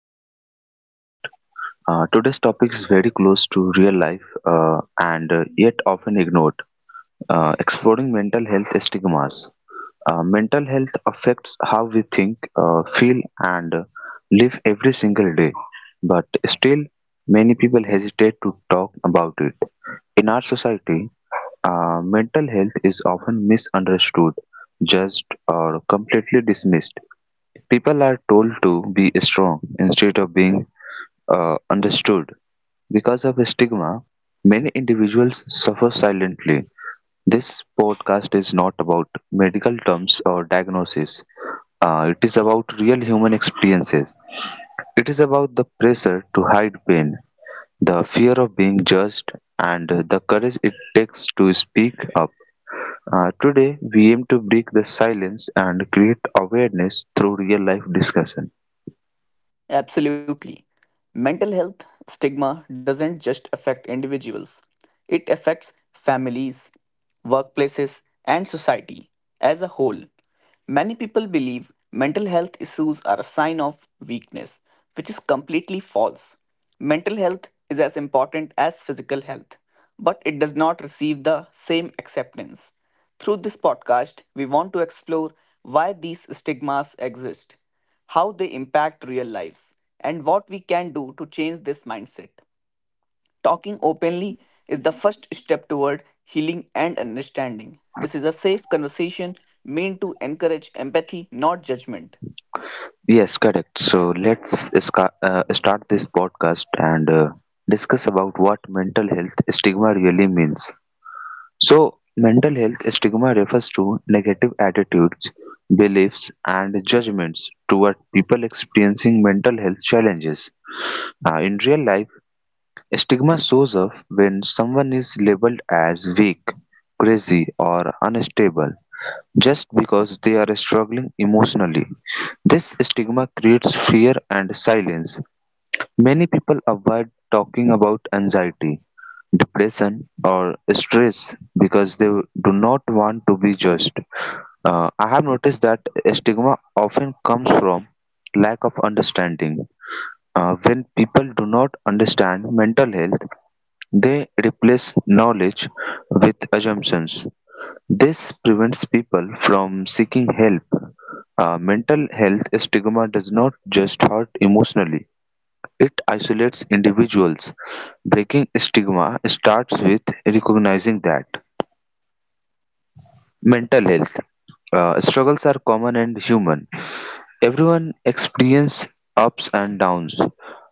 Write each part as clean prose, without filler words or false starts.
to our new podcast. Today's topic is very close to real life and yet often ignored, exploring mental health stigmas. Mental health affects how we think, feel, and live every single day, but still, many people hesitate to talk about it. In our society, mental health is often misunderstood, judged, or completely dismissed. People are told to be strong instead of being understood. Because of stigma, many individuals suffer silently. This podcast is not about medical terms or diagnosis. It is about real human experiences. It is about the pressure to hide pain, the fear of being judged, and the courage it takes to speak up. Today, we aim to break the silence and create awareness through real life discussion. Absolutely. Mental health stigma doesn't just affect individuals, it affects families, workplaces, and society as a whole. Many people believe mental health issues are a sign of weakness, which is completely false. Mental health is as important as physical health, but it does not receive the same acceptance. Through this podcast, we want to explore why these stigmas exist, how they impact real lives, and what we can do to change this mindset. Talking openly is the first step toward healing and understanding. This is a safe conversation meant to encourage empathy, not judgment. Yes, correct. So let's start this podcast and discuss about what mental health stigma really means. So, mental health stigma refers to negative attitudes, beliefs, and judgments toward people experiencing mental health challenges. In real life, stigma shows up when someone is labeled as weak, crazy, or unstable just because they are struggling emotionally. This stigma creates fear and silence. Many people avoid talking about anxiety depression or stress because they do not want to be judged. I have noticed that stigma often comes from lack of understanding. When people do not understand mental health, they replace knowledge with assumptions. This prevents people from seeking help. Mental health stigma does not just hurt emotionally, it isolates individuals; breaking stigma starts with recognizing that mental health struggles are common and human. Everyone experiences ups and downs.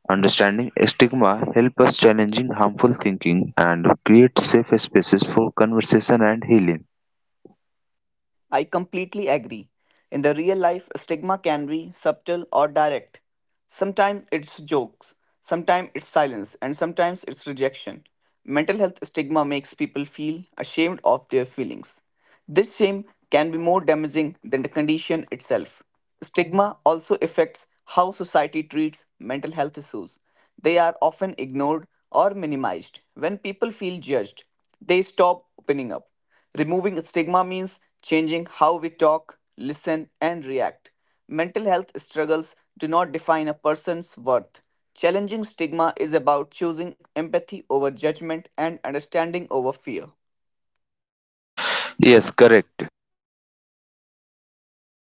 Understanding stigma helps us challenging harmful thinking and create safe spaces for conversation and healing. I completely agree. In the real life, stigma can be subtle or direct. Sometimes it's jokes, sometimes it's silence, and sometimes it's rejection. Mental health stigma makes people feel ashamed of their feelings. This shame can be more damaging than the condition itself. Stigma also affects how society treats mental health issues. They are often ignored or minimized. When people feel judged, they stop opening up. Removing stigma means changing how we talk, listen, and react. Mental health struggles do not define a person's worth. Challenging stigma is about choosing empathy over judgment and understanding over fear. Yes, correct.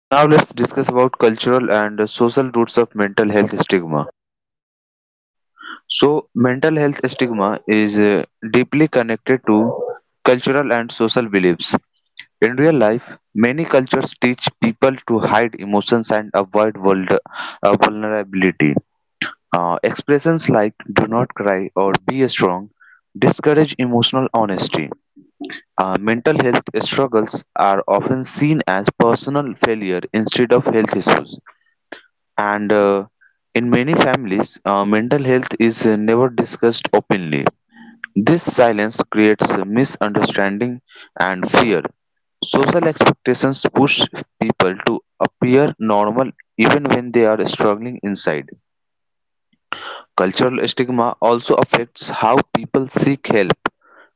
Now let's discuss about cultural and social roots of mental health stigma. So, mental health stigma is deeply connected to cultural and social beliefs. In real life, many cultures teach people to hide emotions and avoid vulnerability. Expressions like do not cry or be strong discourage emotional honesty. Mental health struggles are often seen as personal failure instead of health issues. And in many families, mental health is never discussed openly. This silence creates misunderstanding and fear. Social expectations push people to appear normal even when they are struggling inside. Cultural stigma also affects how people seek help.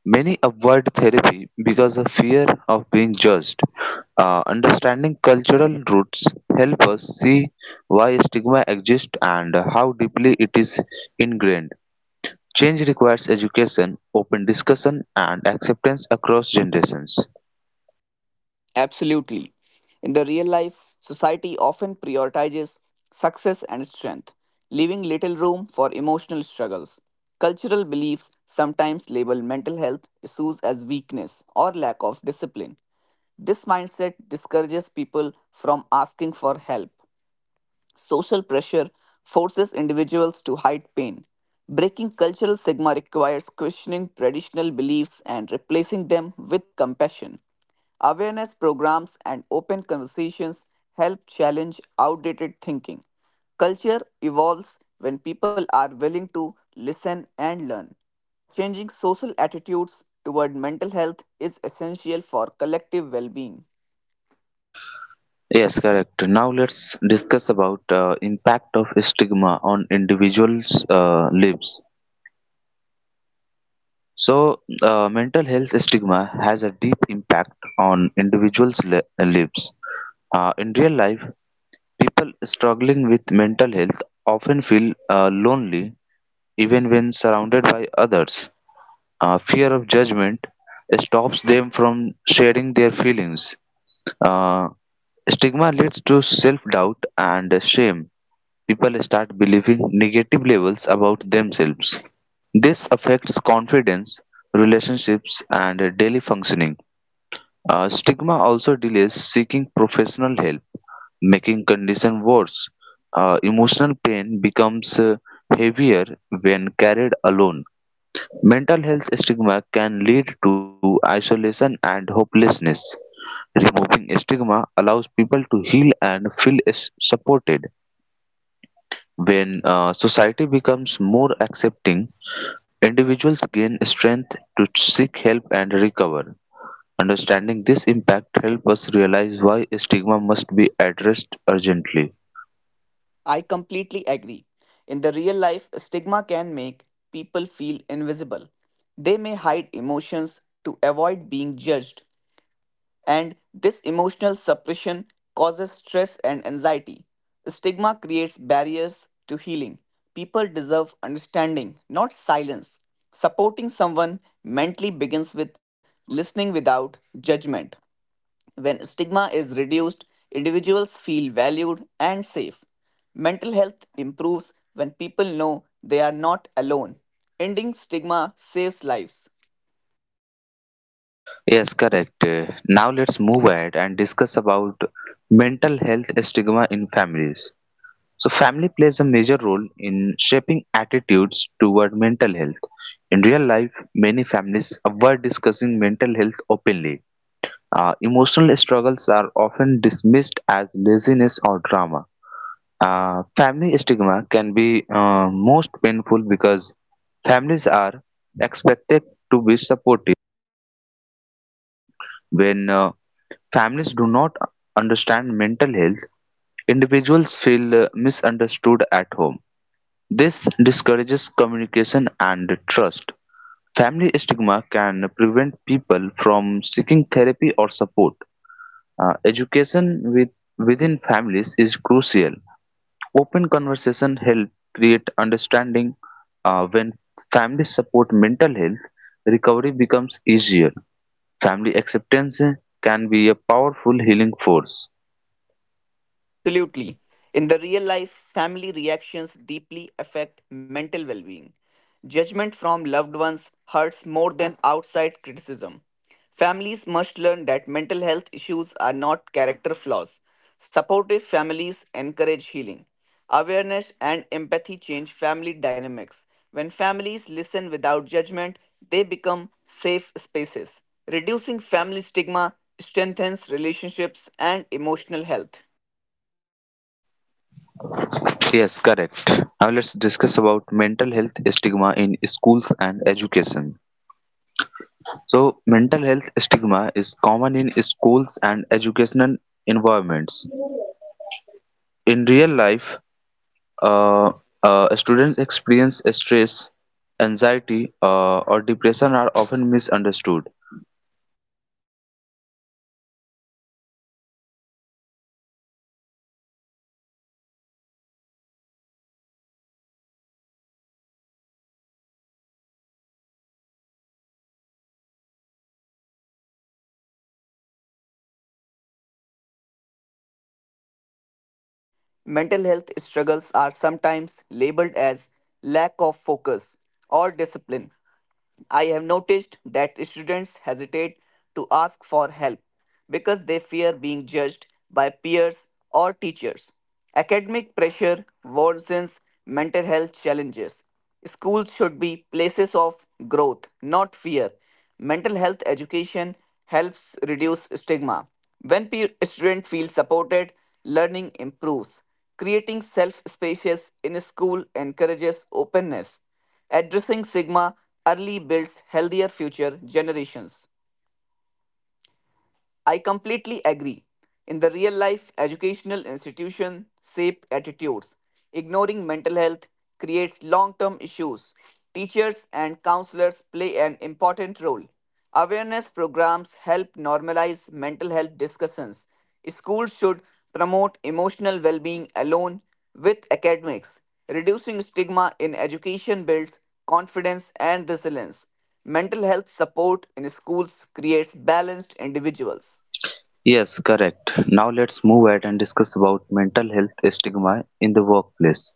Many avoid therapy because of fear of being judged. Understanding cultural roots help us see why stigma exists and how deeply it is ingrained. Change requires education, open discussion, and acceptance across generations. Absolutely. In the real life, society often prioritizes success and strength, leaving little room for emotional struggles. Cultural beliefs sometimes label mental health issues as weakness or lack of discipline. This mindset discourages people from asking for help. Social pressure forces individuals to hide pain. Breaking cultural stigma requires questioning traditional beliefs and replacing them with compassion. Awareness programs and open conversations help challenge outdated thinking. Culture evolves when people are willing to listen and learn. Changing social attitudes toward mental health is essential for collective well being. Yes, correct. Now let's discuss about impact of stigma on individuals' lives. So, mental health stigma has a deep impact on individuals' lives. In real life, people struggling with mental health often feel lonely even when surrounded by others. Fear of judgment stops them from sharing their feelings. Uh, Stigma leads to self doubt and shame. People start believing negative labels about themselves. This affects confidence, relationships, and daily functioning. Stigma also delays seeking professional help, making condition worse. Emotional pain becomes heavier when carried alone. Mental health stigma can lead to isolation and hopelessness. Removing stigma allows people to heal and feel supported. When society becomes more accepting, individuals gain strength to seek help and recover. Understanding this impact helps us realize why stigma must be addressed urgently. I completely agree. In the real life, stigma can make people feel invisible. They may hide emotions to avoid being judged, and this emotional suppression causes stress and anxiety. Stigma creates barriers to healing. People deserve understanding, not silence. Supporting someone mentally begins with listening without judgment. When stigma is reduced, individuals feel valued and safe. Mental health improves when people know they are not alone. Ending stigma saves lives. Yes, correct. Now let's move ahead and discuss about mental health stigma in families. So, family plays a major role in shaping attitudes toward mental health. In real life, many families avoid discussing mental health openly. Emotional struggles are often dismissed as laziness or drama. Family stigma can be most painful because families are expected to be supportive. When families do not understand mental health, individuals feel misunderstood at home. This discourages communication and trust. Family stigma can prevent people from seeking therapy or support. Education within families is crucial. Open conversation help create understanding. When families support mental health, recovery becomes easier. Family acceptance can be a powerful healing force. Absolutely. In the real life, family reactions deeply affect mental well being. Judgment from loved ones hurts more than outside criticism. Families must learn that mental health issues are not character flaws. Supportive families encourage healing. Awareness and empathy change family dynamics. When families listen without judgment, they become safe spaces. Reducing family stigma strengthens relationships and emotional health. Yes, correct. Now let's discuss about mental health stigma in schools and education. So, mental health stigma is common in schools and educational environments. In real life, uh, students experience stress, anxiety, or depression are often misunderstood. Mental health struggles are sometimes labeled as lack of focus or discipline. I have noticed that students hesitate to ask for help because they fear being judged by peers or teachers. Academic pressure worsens mental health challenges. Schools should be places of growth, not fear. Mental health education helps reduce stigma. When students feel supported, learning improves. Creating self spaces in school encourages openness. Addressing stigma early builds healthier future generations. I completely agree. In the real life, educational institutions shape attitudes. Ignoring mental health creates long term issues. Teachers and counselors play an important role. Awareness programs help normalize mental health discussions. Schools should promote emotional well being alone with academics. Reducing stigma in education builds confidence and resilience. Mental health support in schools creates balanced individuals. Yes, correct. Now let's move ahead and discuss about mental health stigma in the workplace.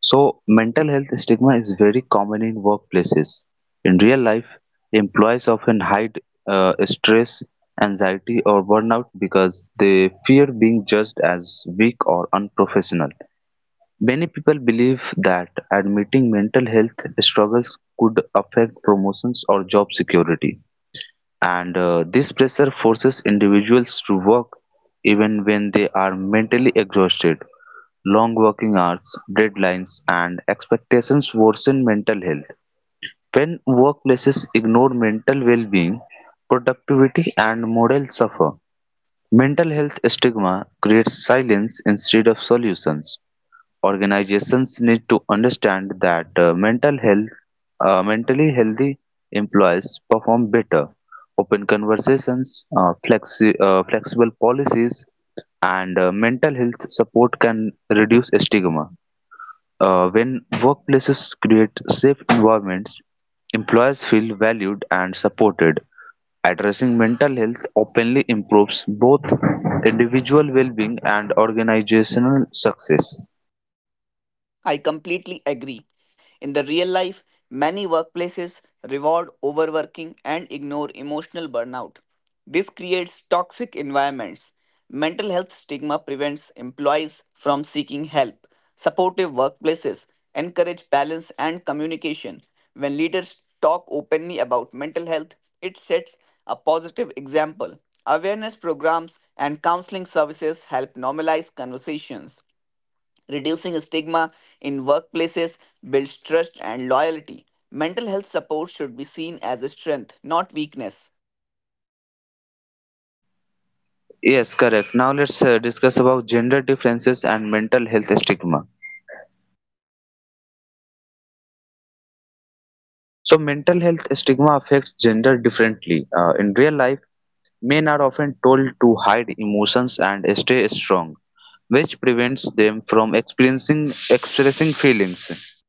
So, mental health stigma is very common in workplaces. In real life, employees often hide stress, anxiety, or burnout because they fear being judged as weak or unprofessional. Many people believe that admitting mental health struggles could affect promotions or job security and this pressure forces individuals to work even when they are mentally exhausted. Long working hours, deadlines, and expectations worsen mental health. When workplaces ignore mental well being, productivity and morale suffer. Mental health stigma creates silence instead of solutions. Organizations need to understand that mentally healthy employees perform better. Open conversations, flexible policies, and mental health support can reduce stigma. When workplaces create safe environments, employees feel valued and supported. Addressing mental health openly improves both individual well being and organizational success. I completely agree. In the real life, many workplaces reward overworking and ignore emotional burnout. This creates toxic environments. Mental health stigma prevents employees from seeking help. Supportive workplaces encourage balance and communication. When leaders talk openly about mental health, it sets a positive example. Awareness programs and counseling services help normalize conversations. Reducing stigma in workplaces builds trust and loyalty. Mental health support should be seen as a strength, not weakness. Yes, correct. Now let's discuss about gender differences and mental health stigma. So, mental health stigma affects gender differently. In real life, men are often told to hide emotions and stay strong, which prevents them from experiencing expressing feelings.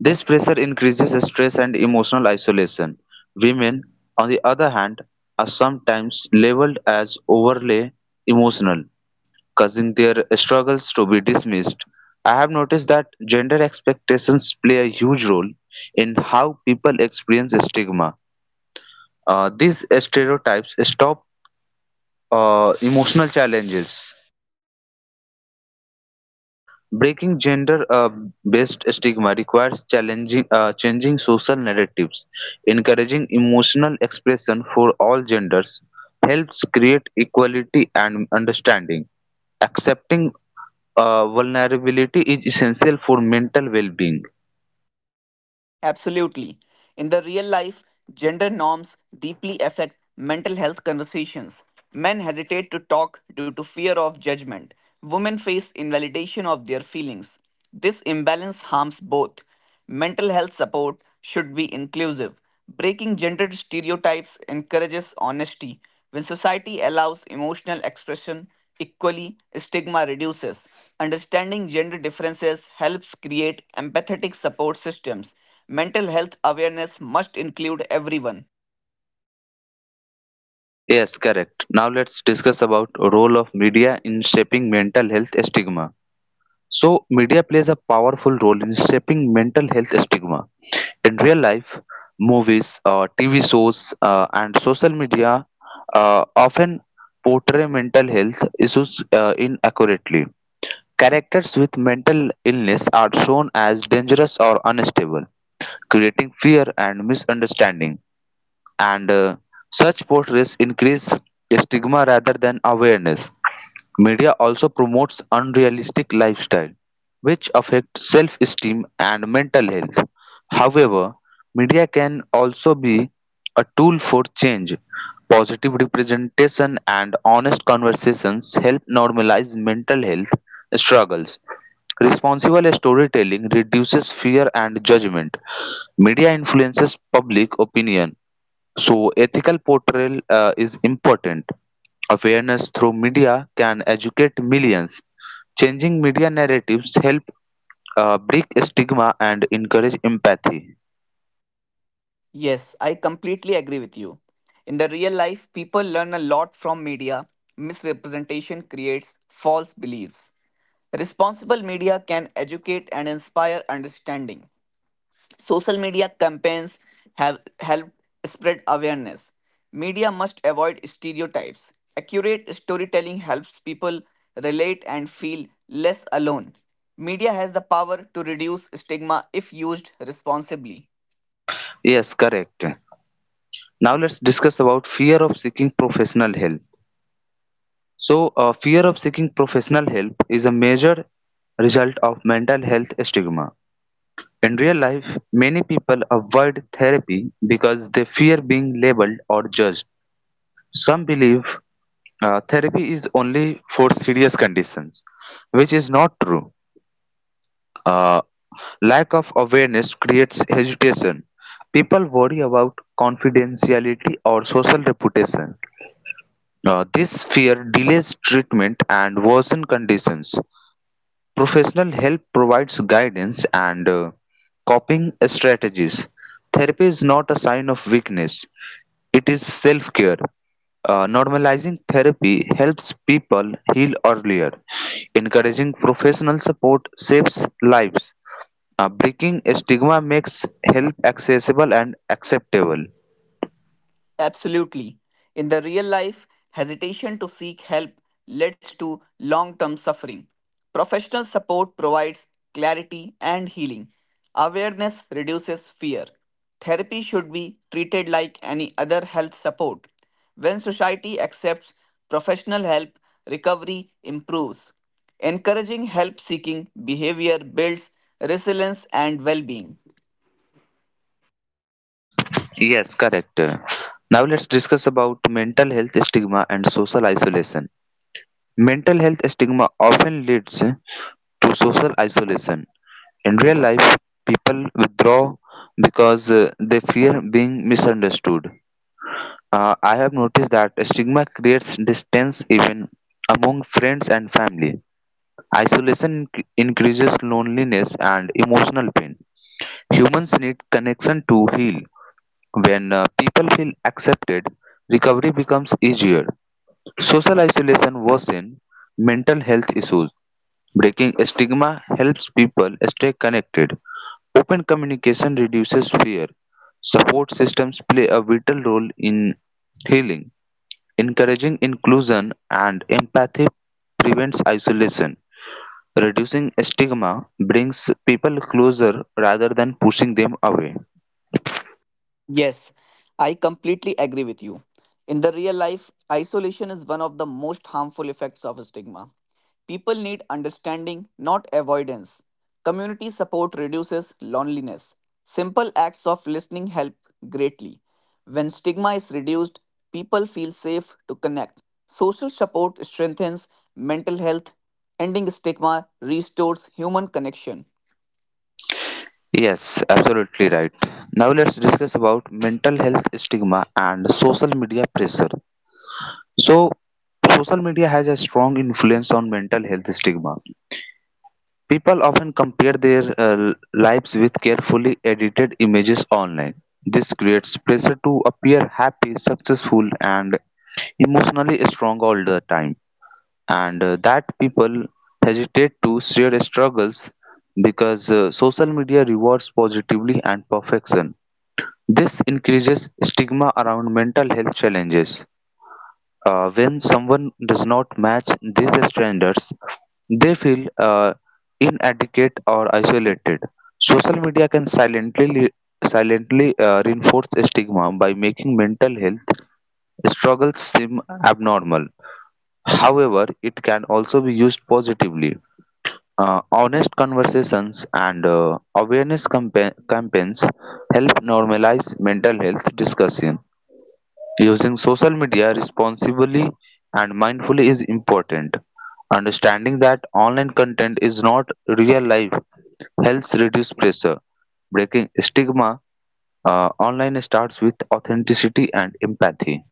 This pressure increases stress and emotional isolation. Women, on the other hand, are sometimes labeled as overly emotional, causing their struggles to be dismissed. I have noticed that gender expectations play a huge role in how people experience stigma. These stereotypes stop emotional challenges. Breaking gender based stigma requires changing social narratives, encouraging emotional expression for all genders helps create equality and understanding. Accepting vulnerability is essential for mental well being. Absolutely. In the real life, gender norms deeply affect mental health conversations. Men hesitate to talk due to fear of judgment. Women face invalidation of their feelings. This imbalance harms both. Mental health support should be inclusive. Breaking gender stereotypes encourages honesty. When society allows emotional expression equally, stigma reduces. Understanding gender differences helps create empathetic support systems. Mental health awareness must include everyone. Yes, correct. Now let's discuss about role of media in shaping mental health stigma. So media plays a powerful role in shaping mental health stigma. In real life, movies, TV shows, and social media often portray mental health issues inaccurately. Characters with mental illness are shown as dangerous or unstable, creating fear and misunderstanding and such portraits increase stigma rather than awareness. Media also promotes unrealistic lifestyle, which affect self-esteem and mental health. However, media can also be a tool for change. Positive representation and honest conversations help normalize mental health struggles. Responsible storytelling reduces fear and judgment. Media influences public opinion so, ethical portrayal is important. Awareness through media can educate millions. Changing media narratives help break stigma and encourage empathy. Yes, I completely agree with you. In the real life, people learn a lot from media. Misrepresentation creates false beliefs. Responsible media can educate and inspire understanding. Social media campaigns have helped spread awareness. Media must avoid stereotypes. Accurate storytelling helps people relate and feel less alone. Media has the power to reduce stigma if used responsibly. Yes, correct. Now let's discuss about fear of seeking professional help. So, fear of seeking professional help is a major result of mental health stigma. In real life, many people avoid therapy because they fear being labeled or judged. Some believe therapy is only for serious conditions, which is not true. Uh, Lack of awareness creates hesitation. People worry about confidentiality or social reputation. This fear delays treatment and worsen conditions. Professional help provides guidance and coping strategies. Therapy is not a sign of weakness, it is self care. Normalizing therapy helps people heal earlier. Encouraging professional support saves lives. Breaking stigma makes help accessible and acceptable. Absolutely. In the real life, hesitation to seek help leads to long term suffering. Professional support provides clarity and healing. Awareness reduces fear. Therapy should be treated like any other health support. When society accepts professional help, recovery improves. Encouraging help seeking behavior builds resilience and well being. Yes, correct. Now let's discuss about mental health stigma and social isolation. Mental health stigma often leads to social isolation. In real life, people withdraw because they fear being misunderstood. I have noticed that stigma creates distance even among friends and family. Isolation increases loneliness and emotional pain. Humans need connection to heal. When people feel accepted, recovery becomes easier. Social isolation worsens mental health issues. Breaking stigma helps people stay connected. Open communication reduces fear. Support systems play a vital role in healing. Encouraging inclusion and empathy prevents isolation. Reducing stigma brings people closer rather than pushing them away. Yes, I completely agree with you. In the real life, isolation is one of the most harmful effects of stigma. People need understanding, not avoidance. Community support reduces loneliness. Simple acts of listening help greatly. When stigma is reduced, people feel safe to connect. Social support strengthens mental health. Ending stigma restores human connection. Yes, absolutely right. Now let's discuss about mental health stigma and social media pressure. So, social media has a strong influence on mental health stigma. People often compare their lives with carefully edited images online. This creates pressure to appear happy, successful, and emotionally strong all the time, and that people hesitate to share struggles because social media rewards positively and perfection. This increases stigma around mental health challenges. When someone does not match these standards, they feel inadequate or isolated. Social media can silently reinforce stigma by making mental health struggles seem abnormal. However, it can also be used positively. Honest conversations and awareness campaigns help normalize mental health discussion. Using social media responsibly and mindfully is important. Understanding that online content is not real life helps reduce pressure. Breaking stigma online starts with authenticity and empathy.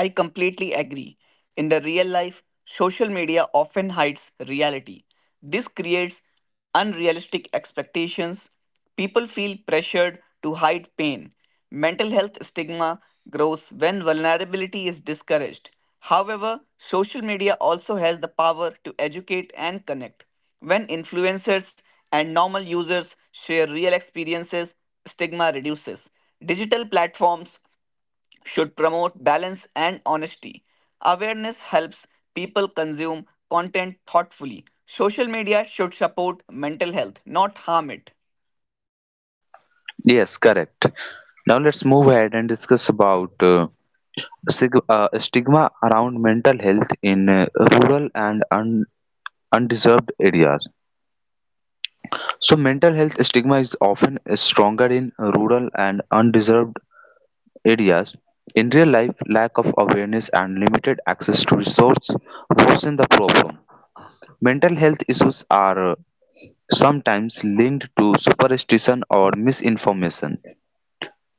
I completely agree. In the real life, social media often hides reality. This creates unrealistic expectations. People feel pressured to hide pain. Mental health stigma grows when vulnerability is discouraged. However, social media also has the power to educate and connect. When influencers and normal users share real experiences, stigma reduces. Digital platforms should promote balance and honesty. Awareness helps people consume content thoughtfully. Social media should support mental health, not harm it. Yes, correct. Now let's move ahead and discuss about stigma around mental health in rural and undeserved areas. So, mental health stigma is often stronger in rural and undeserved areas. In real life, lack of awareness and limited access to resources worsen the problem. Mental health issues are sometimes linked to superstition or misinformation.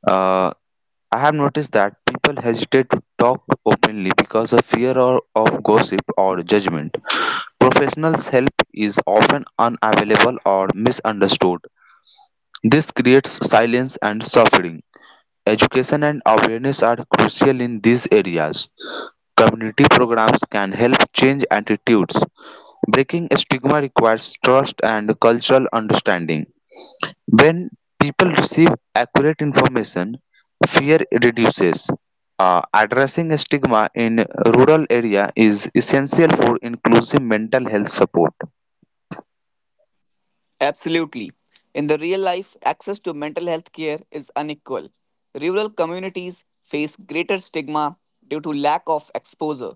Uh, I have noticed that people hesitate to talk openly because of fear or of gossip or judgment. Professionals' help is often unavailable or misunderstood. This creates silence and suffering. Education and awareness are crucial in these areas. Community programs can help change attitudes; breaking stigma requires trust and cultural understanding. When people receive accurate information, fear reduces. Addressing stigma in rural area is essential for inclusive mental health support. Absolutely. In the real life, access to mental health care is unequal. Rural communities face greater stigma due to lack of exposure.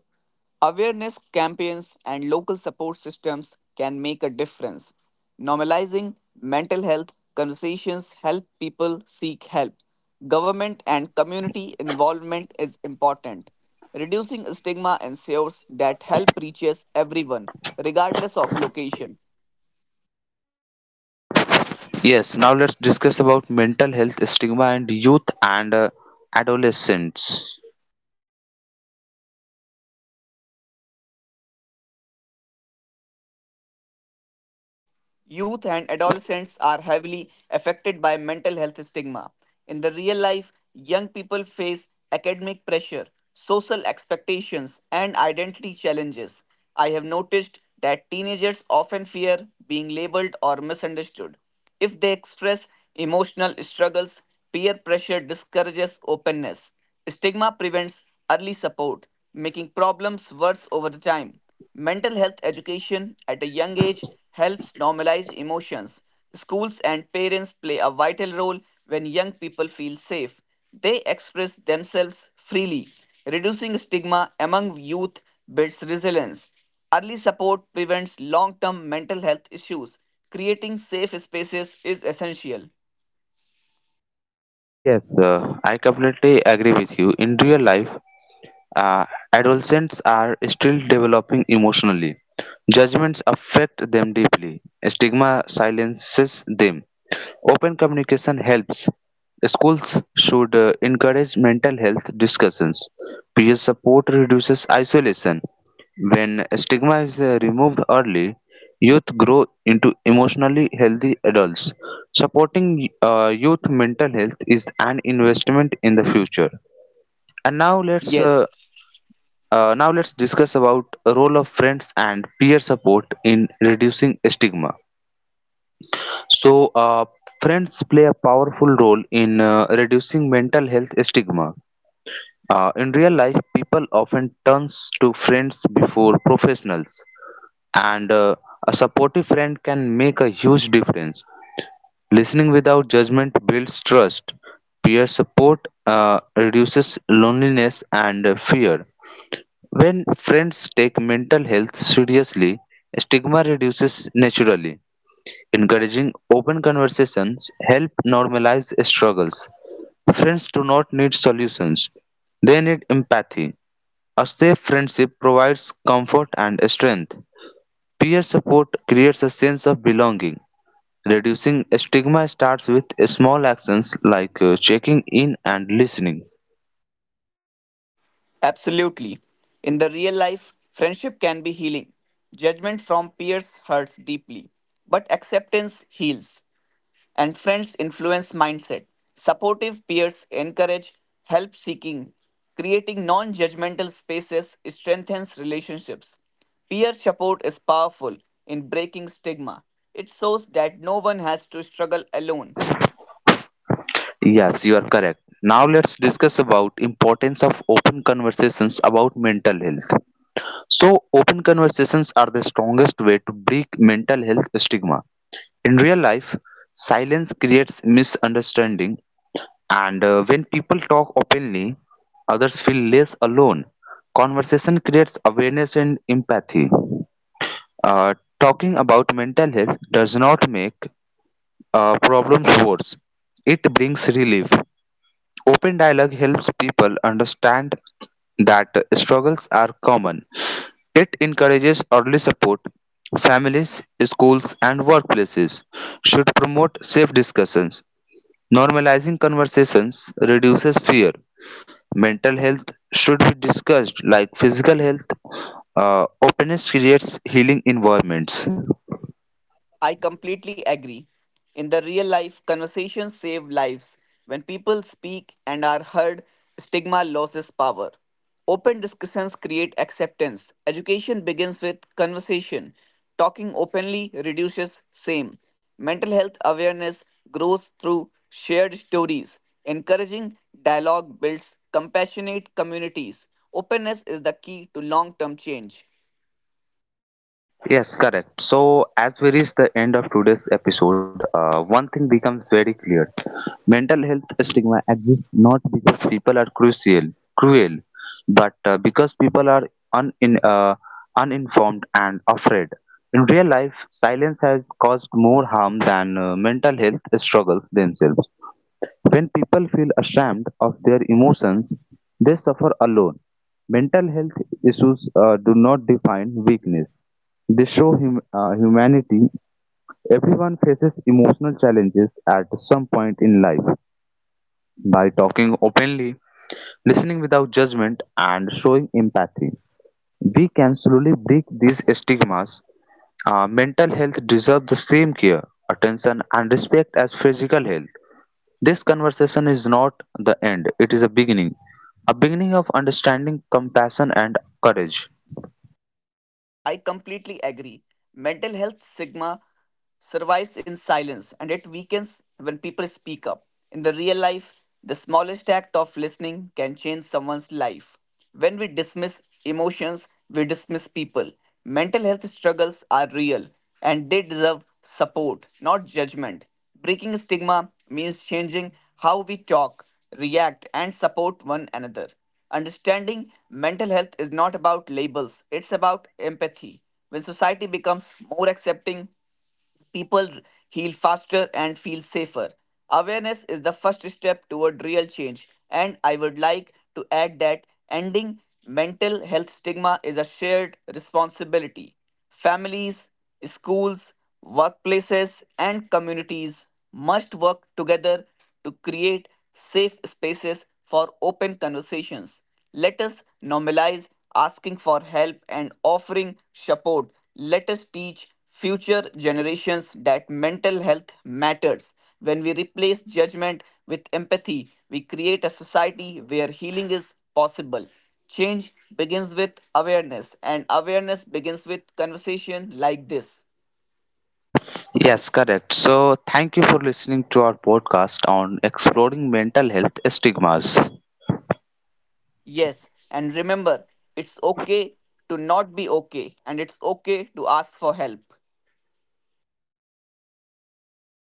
Awareness campaigns and local support systems can make a difference. Normalizing mental health conversations help people seek help. Government and community involvement is important. Reducing stigma ensures that help reaches everyone, regardless of location. Yes, now let's discuss about mental health stigma and youth and adolescents. Youth and adolescents are heavily affected by mental health stigma. In the real life, young people face academic pressure, social expectations, and identity challenges. I have noticed that teenagers often fear being labeled or misunderstood. If they express emotional struggles, peer pressure discourages openness. Stigma prevents early support, making problems worse over the time. Mental health education at a young age helps normalize emotions. Schools and parents play a vital role when young people feel safe. They express themselves freely. Reducing stigma among youth builds resilience. Early support prevents long term mental health issues. Creating safe spaces is essential. Yes, I completely agree with you. In real life, Uh, adolescents are still developing emotionally. Judgments affect them deeply. Stigma silences them. Open communication helps. Schools should encourage mental health discussions. Peer support reduces isolation. When stigma is removed early, youth grow into emotionally healthy adults. Supporting youth mental health is an investment in the future. And Yes, now let's discuss about role of friends and peer support in reducing stigma. So, uh, friends play a powerful role in reducing mental health stigma. In real life, people often turns to friends before professionals, and a supportive friend can make a huge difference. Listening without judgment builds trust. Peer support reduces loneliness and fear. When friends take mental health seriously, stigma reduces naturally. Encouraging open conversations help normalize struggles. Friends do not need solutions. They need empathy. A safe friendship provides comfort and strength. Peer support creates a sense of belonging. Reducing stigma starts with small actions like checking in and listening. absolutely. In the real life, friendship can be healing. Judgment from peers hurts deeply, but acceptance heals. And friends influence mindset. Supportive peers encourage help seeking. Creating non judgmental spaces strengthens relationships. Peer support is powerful in breaking stigma. It shows that no one has to struggle alone. Yes, you are correct. Now let's discuss about importance of open conversations about mental health. So open conversations are the strongest way to break mental health stigma. In real life, silence creates misunderstanding, and when people talk openly, others feel less alone. Conversation creates awareness and empathy. Talking about mental health does not make problems worse. It brings relief. Open dialogue helps people understand that struggles are common. It encourages early support. Families, schools, and workplaces should promote safe discussions. Normalizing conversations reduces fear. Mental health should be discussed like physical health. Openness creates healing environments. I completely agree. In the real life, conversations save lives. When people speak and are heard, stigma loses power. Open discussions create acceptance. Education begins with conversation. Talking openly reduces shame. Mental health awareness grows through shared stories. Encouraging dialogue builds compassionate communities. Openness is the key to long term change. Yes, correct. So, as we reach the end of today's episode, one thing becomes very clear. Mental health stigma exists not because people are cruel, but because people are uh, uninformed and afraid. In real life, silence has caused more harm than mental health struggles themselves. When people feel ashamed of their emotions, they suffer alone. Mental health issues do not define weakness. They show humanity. Everyone faces emotional challenges at some point in life. By talking openly, listening without judgment, and showing empathy, we can slowly break these stigmas. Mental health deserves the same care, attention, and respect as physical health. This conversation is not the end, it is a beginning. A beginning of understanding, compassion, and courage. I completely agree. Mental health stigma survives in silence, and it weakens when people speak up. In the real life, the smallest act of listening can change someone's life. When we dismiss emotions, we dismiss people. Mental health struggles are real, and they deserve support, not judgment. Breaking stigma means changing how we talk, react, and support one another. Understanding mental health is not about labels, it's about empathy. When society becomes more accepting, people heal faster and feel safer. Awareness is the first step toward real change, and I would like to add that ending mental health stigma is a shared responsibility. Families, schools, workplaces, and communities must work together to create safe spaces for open conversations. Let us normalize asking for help and offering support. Let us teach future generations that mental health matters. When we replace judgment with empathy, we create a society where healing is possible. Change begins with awareness, and awareness begins with conversation like this. Yes, correct. So, thank you for listening to our podcast on exploring mental health stigmas. Yes, and remember, it's okay to not be okay, and it's okay to ask for help.